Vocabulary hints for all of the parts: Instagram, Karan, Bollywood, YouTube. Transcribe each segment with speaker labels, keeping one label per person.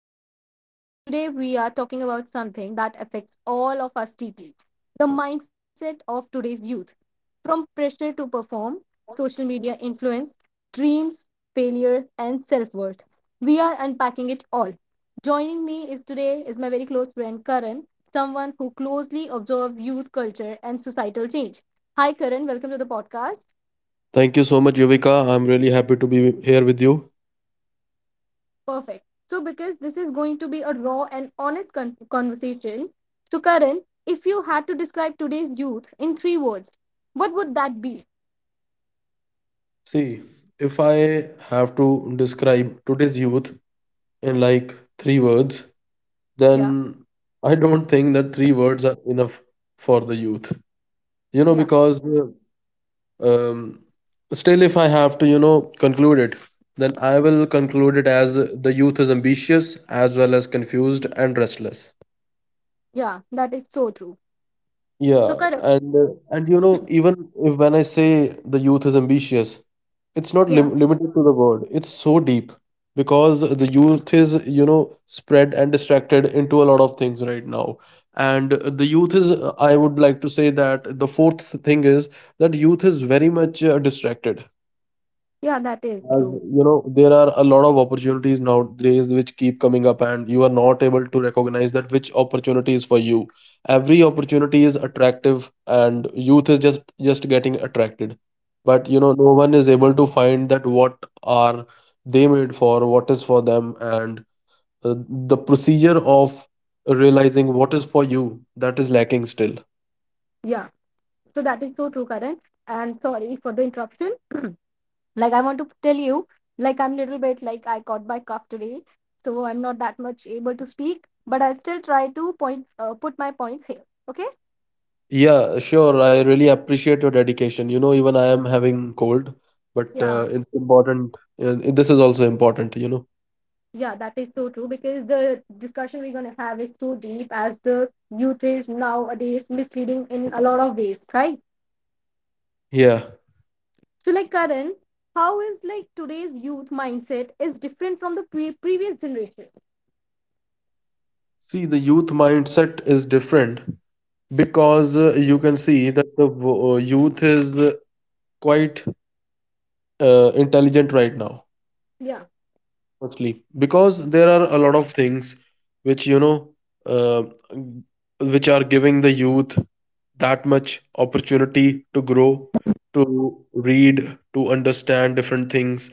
Speaker 1: your host, and today we are talking about something that affects all of us deeply, the mindset of today's youth. From pressure to perform, social media influence, dreams, failures, and self worth. We are unpacking it all. Joining me is today is my very close friend Karan, someone who closely observes youth culture and societal change. Hi, Karan, welcome to the podcast.
Speaker 2: Thank you, so happy to be with you.
Speaker 1: Perfect. So, because this is going to be a raw and honest conversation, so Karan, if you had to describe today's youth in three words, what would that be?
Speaker 2: See, if I have to describe today's youth in like three words,
Speaker 1: Yeah,
Speaker 2: then I don't think that three words are enough for the youth. You know,
Speaker 1: yeah,
Speaker 2: because um, still, if I have to, you know, conclude it, then I will conclude it as the youth is ambitious as well as confused and restless.
Speaker 1: yeah, that is so true. So,
Speaker 2: Yeah,
Speaker 1: Karan,
Speaker 2: and you know, even if when I say the youth is ambitious, it's not
Speaker 1: yeah,
Speaker 2: limited to the word. It's so deep because the youth is, you know, spread and distracted into a lot of things right now. And the youth is, I would like to say that the fourth thing is that youth is very much distracted
Speaker 1: yeah, that is
Speaker 2: as
Speaker 1: true.
Speaker 2: you know there are a lot of opportunities nowadays which keep coming up and you are not able to recognize that which opportunity is for you. Every opportunity is attractive and youth is just getting attracted, but you know no one is able to find that what are they made for, what is for them, and uh, the procedure of realizing what is for you, that is lacking still.
Speaker 1: Yeah, so that is so true, Karan. And sorry for the interruption. Like, I want to tell you, like, I'm little bit like I caught my cough today, so I'm not that much able to speak, but I'll still try to point, put my points here. Okay?
Speaker 2: Yeah, sure. I really appreciate your dedication. You know, even I am having cold, but
Speaker 1: Yeah.
Speaker 2: it's important. This is also important, you know.
Speaker 1: Yeah, that is so true because the discussion we're going to have is so deep as the youth is nowadays misleading in a lot of ways, right?
Speaker 2: Yeah.
Speaker 1: So, like Karan, how is like today's youth mindset is different from the previous generation?
Speaker 2: See, the youth mindset is different because you can see that the youth is quite intelligent right now.
Speaker 1: Yeah,
Speaker 2: Firstly, because there are a lot of things which you know, uh, which are giving the youth that much opportunity to grow, to read, to understand different things,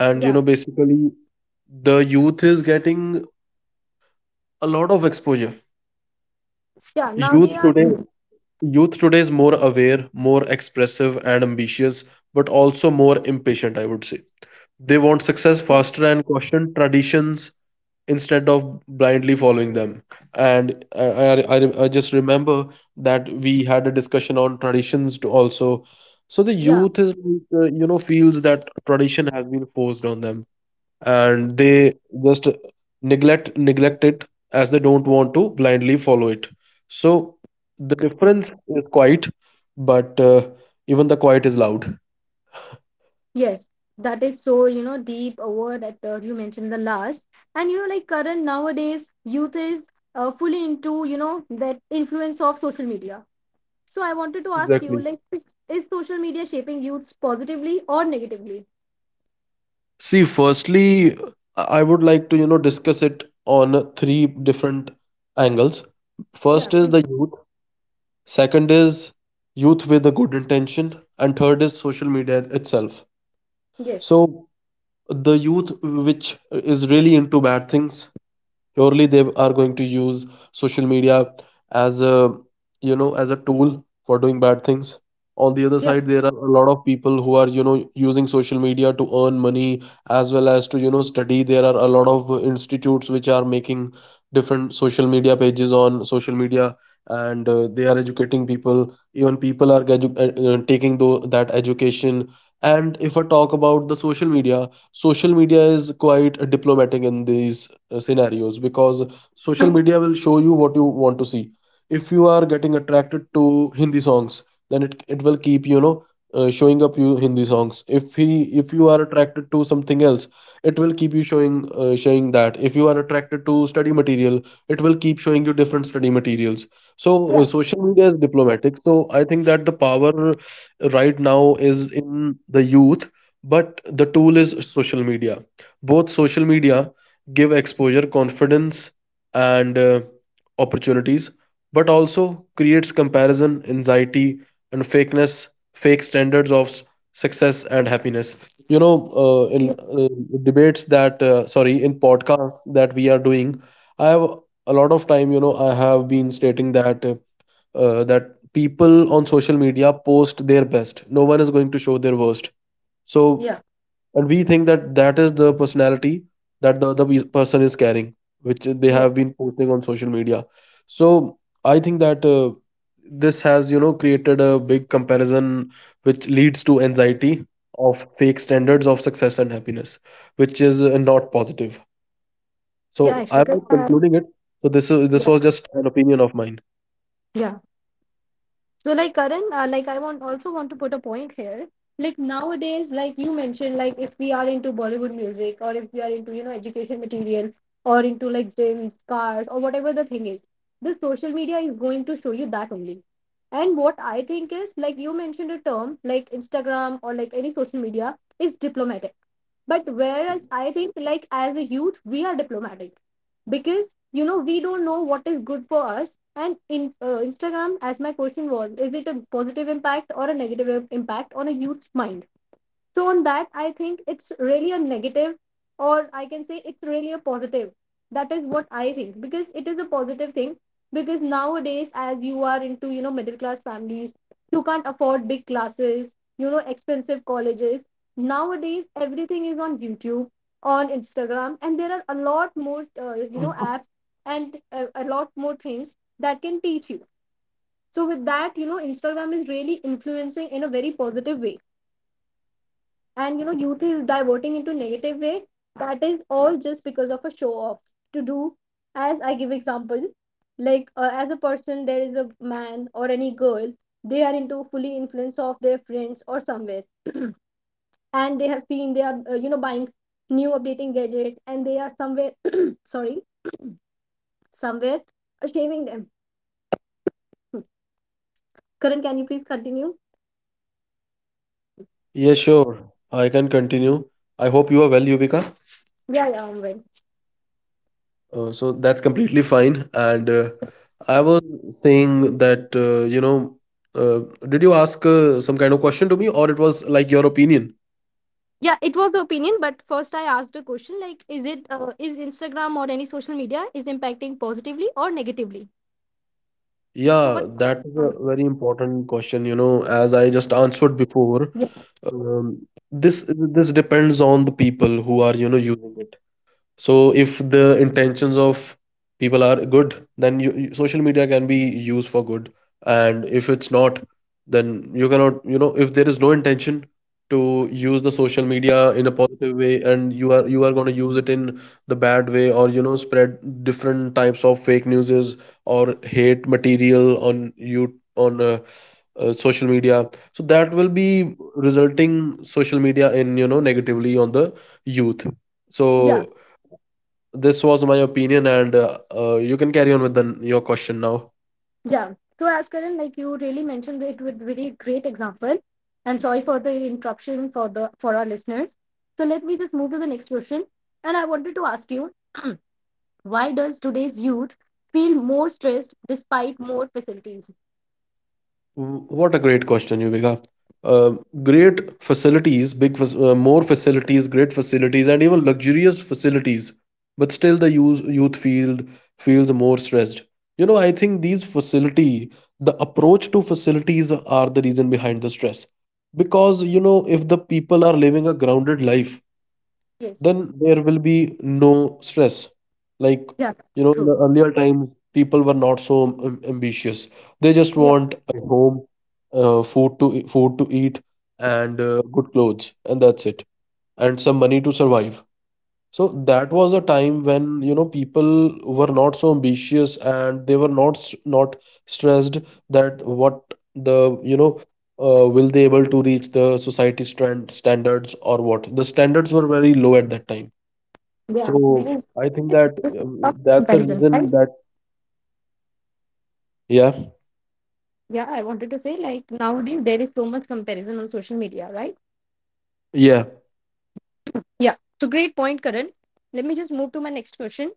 Speaker 2: and you
Speaker 1: yeah,
Speaker 2: know, basically, the youth is getting a lot of exposure.
Speaker 1: yeah. Now
Speaker 2: Youth
Speaker 1: they are,
Speaker 2: today, youth today is more aware, more expressive and ambitious, but also more impatient. I would say they want success faster and question traditions instead of blindly following them. And I just remember that we had a discussion on traditions to also, so the
Speaker 1: yeah,
Speaker 2: youth is like, you know, feels that tradition has been forced on them and they just neglect it, as they don't want to blindly follow it. So the difference is quiet, but even the quiet is loud.
Speaker 1: yes. That is so, you know, deep a word that you mentioned the last. And, you know, like Karan, nowadays youth is fully into, you know, that influence of social media. So I wanted to ask you,
Speaker 2: Exactly.
Speaker 1: like, is social media shaping youths positively or negatively?
Speaker 2: See, firstly, I would like to, you know, discuss it on three different angles. First
Speaker 1: Yeah,
Speaker 2: is
Speaker 1: please.
Speaker 2: the youth, second is youth with a good intention, and third is social media itself.
Speaker 1: Yes.
Speaker 2: So, the youth which is really into bad things, surely they are going to use social media as a, you know, as a tool for doing bad things. On the other
Speaker 1: Yeah.
Speaker 2: side, there are a lot of people who are, you know, using social media to earn money as well as to, you know, study. There are a lot of institutes which are making different social media pages on social media, and they are educating people. Even people are taking that education. And if I talk about the social media, social media is quite diplomatic in these scenarios because social media will show you what you want to see. If you are getting attracted to hindi songs, then it will keep, you know, showing up you hindi songs. If you are attracted to something else, it will keep you showing, showing that. If you are attracted to study material, it will keep showing you different study materials. So
Speaker 1: Yeah.
Speaker 2: social media is diplomatic, so I think that the power right now is in the youth, but the tool is social media. Both, social media give exposure, confidence, and opportunities, but also creates comparison, anxiety, and fakeness, fake standards of success and happiness. You know, in uh, debates that sorry, in podcasts that we are doing, I have a lot of time, you know, I have been stating that that people on social media post their best. No one is going to show their worst. So,
Speaker 1: Yeah.
Speaker 2: and we think that that is the personality that the other person is carrying, which they
Speaker 1: Yeah.
Speaker 2: have been posting on social media. So I think that this has, you know, created a big comparison which leads to anxiety of fake standards of success and happiness, which is not positive. So
Speaker 1: Yeah. Actually,
Speaker 2: I'm
Speaker 1: 'cause,
Speaker 2: not concluding it, so this was
Speaker 1: yeah.
Speaker 2: just an opinion of mine.
Speaker 1: Yeah. So like Karan, like I want also want to put a point here. Like nowadays, like you mentioned, like if we are into Bollywood music or if we are into, you know, education material or into like gyms, cars or whatever the thing is, the social media is going to show you that only. And what I think is like you mentioned a term like Instagram or like any social media is diplomatic, but whereas I think, like, as a youth, we are diplomatic because, you know, we don't know what is good for us. And in Instagram, as my question was, is it a positive impact or a negative impact on a youth's mind? So on that, I think it's really a negative, or I can say it's really a positive. That is what I think because it is a positive thing. Because nowadays, as you are into, you know, middle class families, you can't afford big classes, you know, expensive colleges. Nowadays, everything is on YouTube, on Instagram, and there are a lot more you know apps and a lot more things that can teach you. So with that, you know, Instagram is really influencing in a very positive way, and you know youth is diverting into negative way. That is all just because of a show off to do. As I give example, like as a person, there is a man or any girl, they are into fully influence of their friends or somewhere, and they have seen they are you know buying new updating gadgets, and they are somewhere sorry, somewhere shaming them. Hmm. Karan, can you please continue?
Speaker 2: Yes, sure, I can continue. I hope you are well, Yuvika.
Speaker 1: Yeah, yeah, I'm.
Speaker 2: So that's completely fine. And I was saying that, you know, uh, did you ask some kind of question to me, or it was like your opinion?
Speaker 1: Yeah, it was the opinion, but first I asked a question like, is it is Instagram or any social media is impacting positively or negatively? So
Speaker 2: Yeah,
Speaker 1: what's
Speaker 2: that is
Speaker 1: your
Speaker 2: a
Speaker 1: response?
Speaker 2: very important question, you know, as I just answered before.
Speaker 1: Yeah,
Speaker 2: Um, this depends on the people who are, you know, using it. So if the intentions of people are good, then you social media can be used for good. And if it's not, then you cannot, you know, if there is no intention to use the social media in a positive way and you are going to use it in the bad way, or, you know, spread different types of fake newses or hate material on you on social media, so that will be resulting social media in, you know, negatively on the youth.
Speaker 1: yeah,
Speaker 2: So this was my opinion, and you can carry on with the, your question now.
Speaker 1: yeah. So as Karan, like you really mentioned it with really great example, and sorry for the interruption for the for our listeners. So let me just move to the next question, and I wanted to ask you, why does today's youth feel more stressed despite more facilities?
Speaker 2: What a great question, Yuvika. Uh, Great facilities, more facilities, great facilities, and even luxurious facilities, but still the use, youth field feels more stressed. You know, I think these facility, the approach to facilities are the reason behind the stress, because you know if the people are living a grounded life,
Speaker 1: Yes,
Speaker 2: then there will be no stress. Like,
Speaker 1: yeah,
Speaker 2: you
Speaker 1: it's
Speaker 2: know, in the
Speaker 1: true.
Speaker 2: earlier times, people were not so ambitious. They just
Speaker 1: Yeah.
Speaker 2: want a home, food to eat, and good clothes, and that's it, and some money to survive. So that was a time when, you know, people were not so ambitious and they were not not stressed, that what the, you know, will they able to reach the society standards? Or what the standards were very low at that time.
Speaker 1: Yeah,
Speaker 2: So
Speaker 1: because
Speaker 2: I think that
Speaker 1: this of
Speaker 2: that's the
Speaker 1: comparison,
Speaker 2: reason
Speaker 1: right?
Speaker 2: that yeah,
Speaker 1: Yeah, I wanted to say like nowadays there is so much comparison on social media, right?
Speaker 2: yeah,
Speaker 1: Yeah. So great point, Karan. Let me just move to my next question.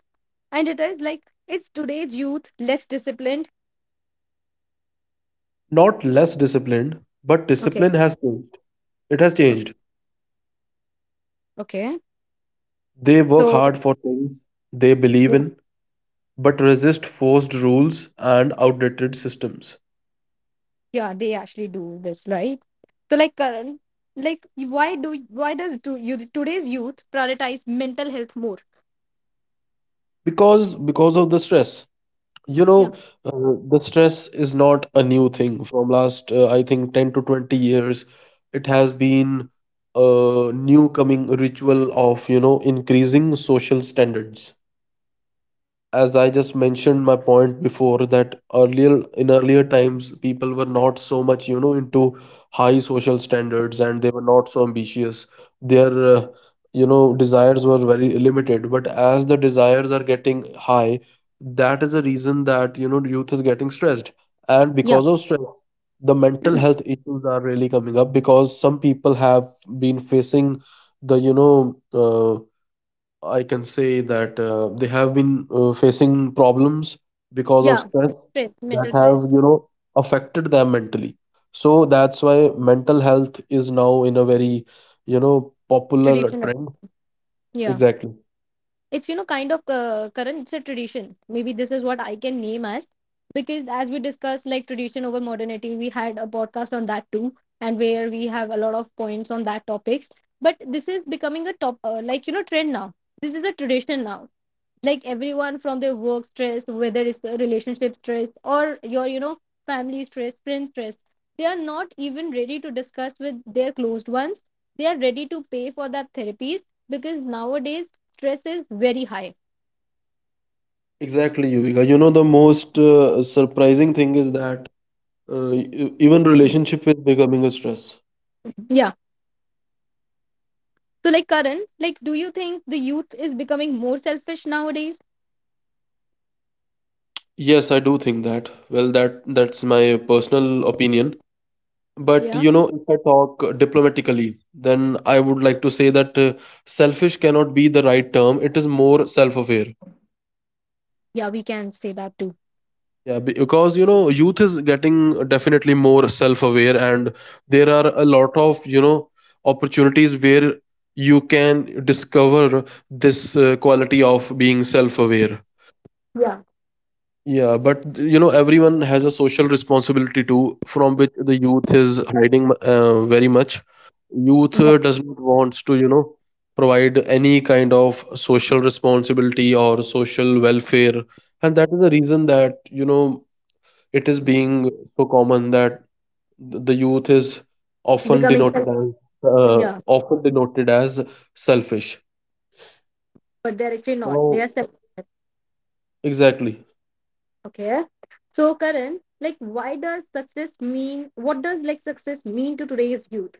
Speaker 1: And it is like, is today's youth less disciplined?
Speaker 2: not less disciplined, but
Speaker 1: Okay,
Speaker 2: discipline has changed. It has
Speaker 1: okay,
Speaker 2: changed.
Speaker 1: okay.
Speaker 2: They work
Speaker 1: So
Speaker 2: hard for things they believe
Speaker 1: yeah,
Speaker 2: in, but resist forced rules and outdated systems.
Speaker 1: yeah, they actually do this, right? So like Karan, like why does to, you today's youth prioritize mental health more?
Speaker 2: Because of the stress. You
Speaker 1: Yeah,
Speaker 2: know, the stress is not a new thing from last I think 10 to 20 years. It has been a new coming ritual of, you know, increasing social standards. As I just mentioned my point before, that earlier, in earlier times, people were not so much, you know, into high social standards and they were not so ambitious. Their uh, you know desires were very limited, but as the desires are getting high, that is a reason that, you know, youth is getting stressed. And
Speaker 1: yeah,
Speaker 2: because of stress, the mental health issues are really coming up because some people have been facing the, you know, uh, I can say that they have been facing problems because of
Speaker 1: yeah.
Speaker 2: stress
Speaker 1: Stress,
Speaker 2: that
Speaker 1: mental stress,
Speaker 2: have, you know, affected them mentally. So that's why mental health is now in a very, you know, popular
Speaker 1: tradition, right?
Speaker 2: trend.
Speaker 1: Yeah.
Speaker 2: Exactly.
Speaker 1: It's you know kind of current, it's a tradition maybe, this is what I can name as, because as we discussed like tradition over modernity, we had a podcast on that too, and where we have a lot of points on that topics, but this is becoming a top like you know trend now. This is a tradition now. Like everyone from their work stress, whether it's a relationship stress or your you know family stress, friend stress, they are not even ready to discuss with their closed ones. They are ready to pay for that therapies because nowadays stress is very high.
Speaker 2: Exactly, Yuvika. You know, the most surprising thing is that even relationship is becoming a stress.
Speaker 1: Yeah, so like Karan, like do you think the youth is becoming more selfish nowadays?
Speaker 2: Yes, I do think that. Well, that that's my personal opinion. But
Speaker 1: Yeah,
Speaker 2: you know, if I talk diplomatically, then I would like to say that selfish cannot be the right term. It is more self-aware.
Speaker 1: yeah, we can say that too.
Speaker 2: Yeah, because you know, youth is getting definitely more self-aware, and there are a lot of, you know, opportunities where you can discover this quality of being self-aware.
Speaker 1: Yeah,
Speaker 2: Yeah, but you know, everyone has a social responsibility too, from which the youth is hiding very much. Youth
Speaker 1: yeah,
Speaker 2: does not want to, you know, provide any kind of social responsibility or social welfare, and that is the reason that you know it is being so common that the youth is often
Speaker 1: becoming
Speaker 2: denoted
Speaker 1: self-
Speaker 2: as uh,
Speaker 1: yeah,
Speaker 2: often denoted as selfish.
Speaker 1: but they're actually not, they
Speaker 2: Now,
Speaker 1: are self.
Speaker 2: exactly.
Speaker 1: Okay. So Karan, like why does success mean what does like success mean to today's youth?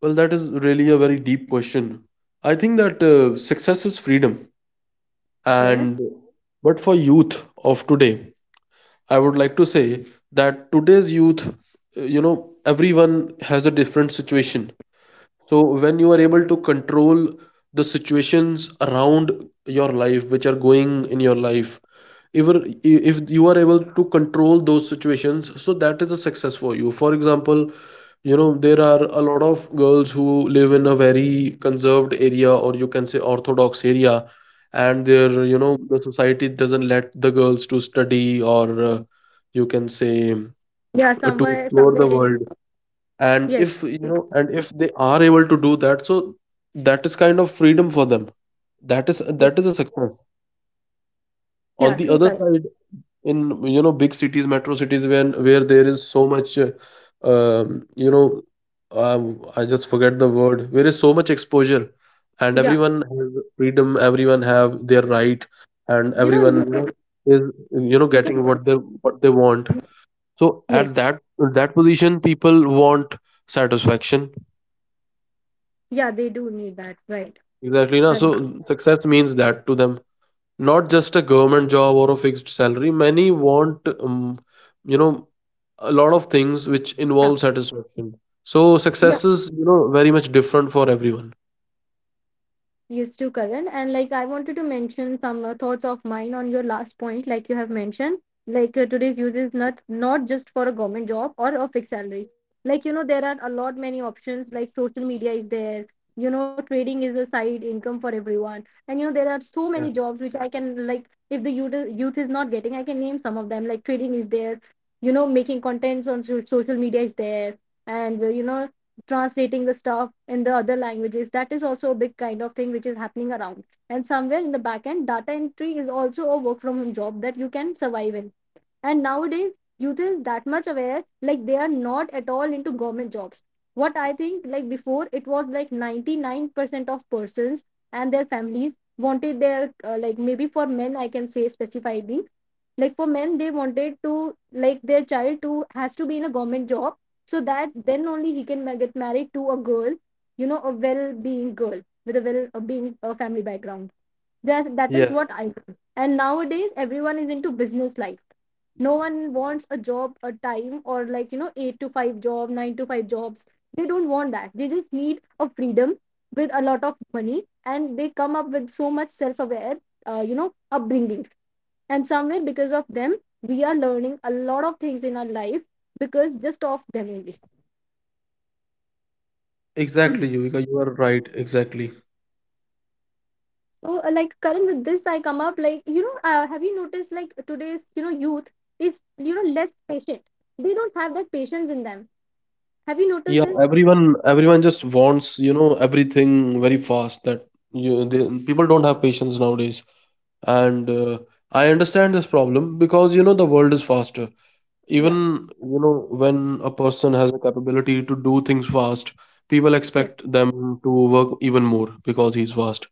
Speaker 2: Well, that is really a very deep question. I think that success is freedom.
Speaker 1: Okay.
Speaker 2: And but for youth of today, I would like to say that today's youth, you know, everyone has a different situation. So when you are able to control the situations around your life, which are going in your life, if if you are able to control those situations, so that is a success for you. For example, you know, there are a lot of girls who live in a very conserved area, or you can say orthodox area, and their, you know, the society doesn't let the girls to study or you can say
Speaker 1: Yeah,
Speaker 2: to explore
Speaker 1: somewhere
Speaker 2: the
Speaker 1: in
Speaker 2: world. And
Speaker 1: yes.
Speaker 2: if you know, and if they are able to do that, so that is kind of freedom for them. that is
Speaker 1: Yeah,
Speaker 2: that is a success.
Speaker 1: yeah,
Speaker 2: On the
Speaker 1: true
Speaker 2: other
Speaker 1: Karan.
Speaker 2: side, in, you know, big cities, metro cities, when where there is so much you know, I just forget the word, where is so much exposure, and
Speaker 1: Yeah.
Speaker 2: everyone has freedom, everyone have their right, and
Speaker 1: You know
Speaker 2: everyone,
Speaker 1: you
Speaker 2: you
Speaker 1: can,
Speaker 2: know, is, you know,
Speaker 1: you can
Speaker 2: getting what they want. So at
Speaker 1: yes.
Speaker 2: that position, people want satisfaction.
Speaker 1: Yeah, they do need that. Right.
Speaker 2: Exactly, na.
Speaker 1: Right.
Speaker 2: So success means that to them, not just a government job or a fixed salary. Many want, you know, a lot of things which
Speaker 1: Yeah.
Speaker 2: involve satisfaction. So
Speaker 1: Yeah.
Speaker 2: success is, you know, very much different for everyone.
Speaker 1: Yes, to Karan. And like I wanted to mention some thoughts of mine on your last point, like you have mentioned, like today's use is not just for a government job or a fixed salary. Like you know, there are a lot many options. Like social media is there. You know, trading is a side income for everyone. And
Speaker 2: Yeah,
Speaker 1: you know, there are so many jobs which I can like. If the youth is not getting, I can name some of them. Like trading is there. You know, making contents on social media is there, and you know, translating the stuff in the other languages, that is also a big kind of thing which is happening around, and somewhere in the back end data entry is also a work from home job that you can survive in. And nowadays youth is that much aware, like they are not at all into government jobs. What I think, like before it was like 99% of persons and their families wanted their like maybe for men I can say specifically, like for men they wanted to like their child to has to be in a government job, so that then only he can get married to a girl, you know a well being girl with a well being family background. That
Speaker 2: yeah,
Speaker 1: that is what I think. And nowadays everyone is into business life. No one wants a job a time or like you know 8 to 5 job, 9 to 5 jobs. They don't want that, they just need a freedom with a lot of money. And they come up with so much self aware you know upbringings, and somewhere because of them we are learning a lot of things in our life, because just of them only.
Speaker 2: exactly, Yuvika, you are right, exactly.
Speaker 1: So like current, with this I come up like, you know, have you noticed like today's you know youth is you know less patient, they don't have that patience in them? Have you noticed
Speaker 2: Yeah,
Speaker 1: this?
Speaker 2: everyone just wants, you know, everything very fast. People don't have patience nowadays, and I understand this problem because, you know, the world is faster. Even,
Speaker 1: Yeah,
Speaker 2: you know, when a person has a capability to do things fast, people
Speaker 1: yeah.
Speaker 2: expect them to work even more because he's fast.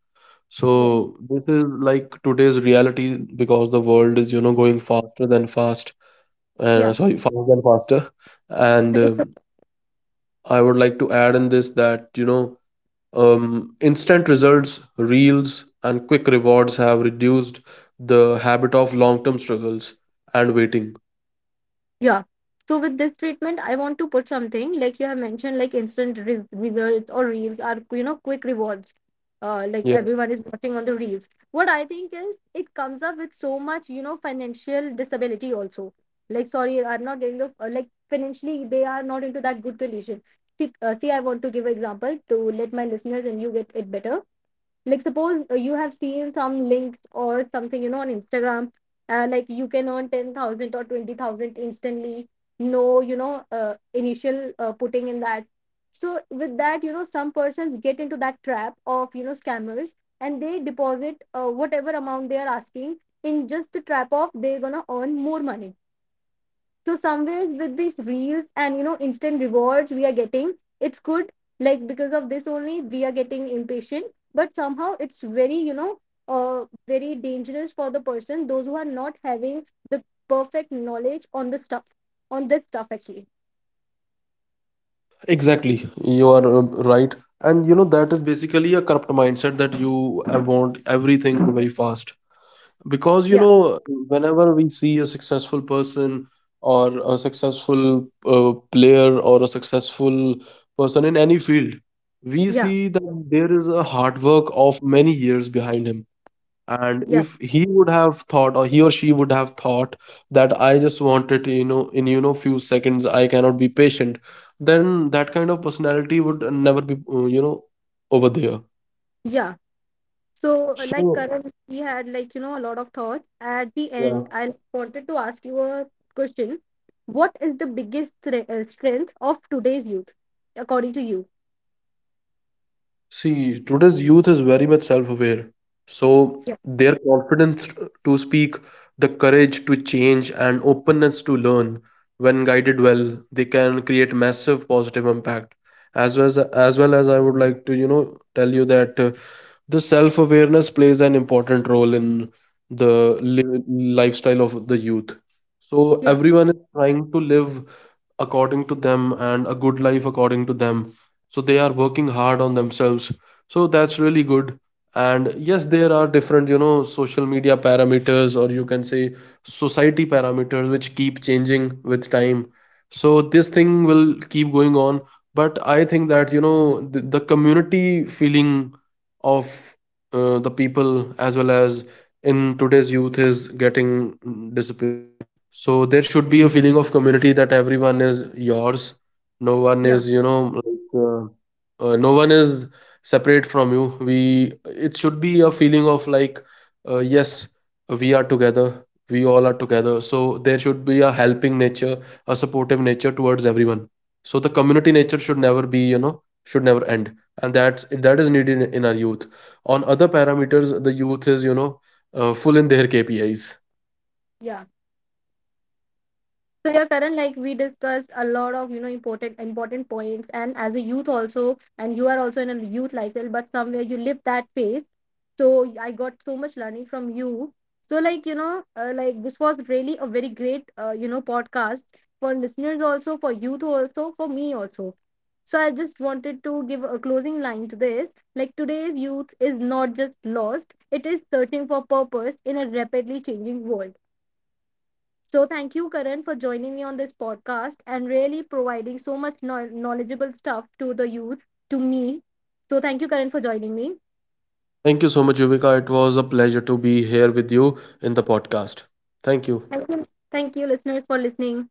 Speaker 2: So
Speaker 1: Yes.
Speaker 2: this is like today's reality, because the world is, you know, going faster than fast. And
Speaker 1: Yeah,
Speaker 2: sorry, faster than faster. And I would like to add in this that, you know, instant results, reels, and quick rewards have reduced the habit of long term struggles and waiting.
Speaker 1: yeah. So with this treatment, I want to put something like you have mentioned, like instant re results or reels are, you know, quick rewards. Like everyone is watching on the reels. What I think is it comes up with so much, you know, financial disability also. Like, sorry, I'm not getting the, like financially, they are not into that good condition. See, see, I want to give example to let my listeners and you get it better. Like suppose you have seen some links or something you know on Instagram, like you can earn 10,000 or 20,000 instantly, no, you know initial putting in that. So with that, you know, some persons get into that trap of you know scammers, and they deposit whatever amount they are asking, in just the trap of they're gonna earn more money. So somewhere with these reels and you know instant rewards we are getting, it's good, like because of this only we are getting impatient, but somehow it's very you know very dangerous for the person, those who are not having the perfect knowledge on the stuff, on this stuff actually.
Speaker 2: Exactly, you are right. And you know, that is basically a corrupt mindset that you want everything very fast. Because you
Speaker 1: Yeah,
Speaker 2: know, whenever we see a successful person, or a successful player, or a successful person in any field, we
Speaker 1: yeah,
Speaker 2: see that there is a hard work of many years behind him. And
Speaker 1: yeah,
Speaker 2: if he would have thought, or he or she would have thought, that I just want it, you know, in, you know, few seconds, I cannot be patient, then that kind of personality would never be you know, over there.
Speaker 1: yeah. So like
Speaker 2: So
Speaker 1: Karan, we had like you know a lot of thoughts. At the
Speaker 2: yeah.
Speaker 1: end I wanted to ask you a question. What is the biggest strength of today's youth according to you?
Speaker 2: See, today's youth is very much self-aware. So
Speaker 1: Yeah,
Speaker 2: their confidence to speak, the courage to change, and openness to learn, when guided well, they can create massive positive impact. As well as I would like to, you know, tell you that the self awareness plays an important role in the lifestyle of the youth. So
Speaker 1: yeah,
Speaker 2: everyone is trying to live according to them, and a good life according to them. So they are working hard on themselves, so that's really good. And yes, there are different, you know, social media parameters, or you can say society parameters, which keep changing with time. So this thing will keep going on. But I think that, you know, the community feeling of the people, as well as in today's youth, is getting disappeared. So there should be a feeling of community, that everyone is yours, no one
Speaker 1: yeah,
Speaker 2: is, you know, like no one is separate from you. We, it should be a feeling of like, yes, we are together, we all are together. So there should be a helping nature, a supportive nature towards everyone. So the community nature should never be, you know, should never end. And that is needed in our youth. On other parameters, the youth is, you know, full in their KPIs.
Speaker 1: yeah. So yeah, Karan, like we discussed a lot of you know important points, and as a youth also, and you are also in a youth lifestyle, but somewhere you live that phase. So I got so much learning from you. So like you know, like this was really a very great you know podcast for listeners also, for youth also, for me also. So I just wanted to give a closing line to this. Like today's youth is not just lost; it is searching for purpose in a rapidly changing world. So thank you, Karan, for joining me on this podcast and really providing so much knowledgeable stuff to the youth, to me. So thank you, Karan, for joining me.
Speaker 2: Thank you so much, Yuvika. It was a pleasure to be here with you in the podcast.
Speaker 1: Thank
Speaker 2: Thank
Speaker 1: you,
Speaker 2: you.
Speaker 1: thank you listeners, for listening.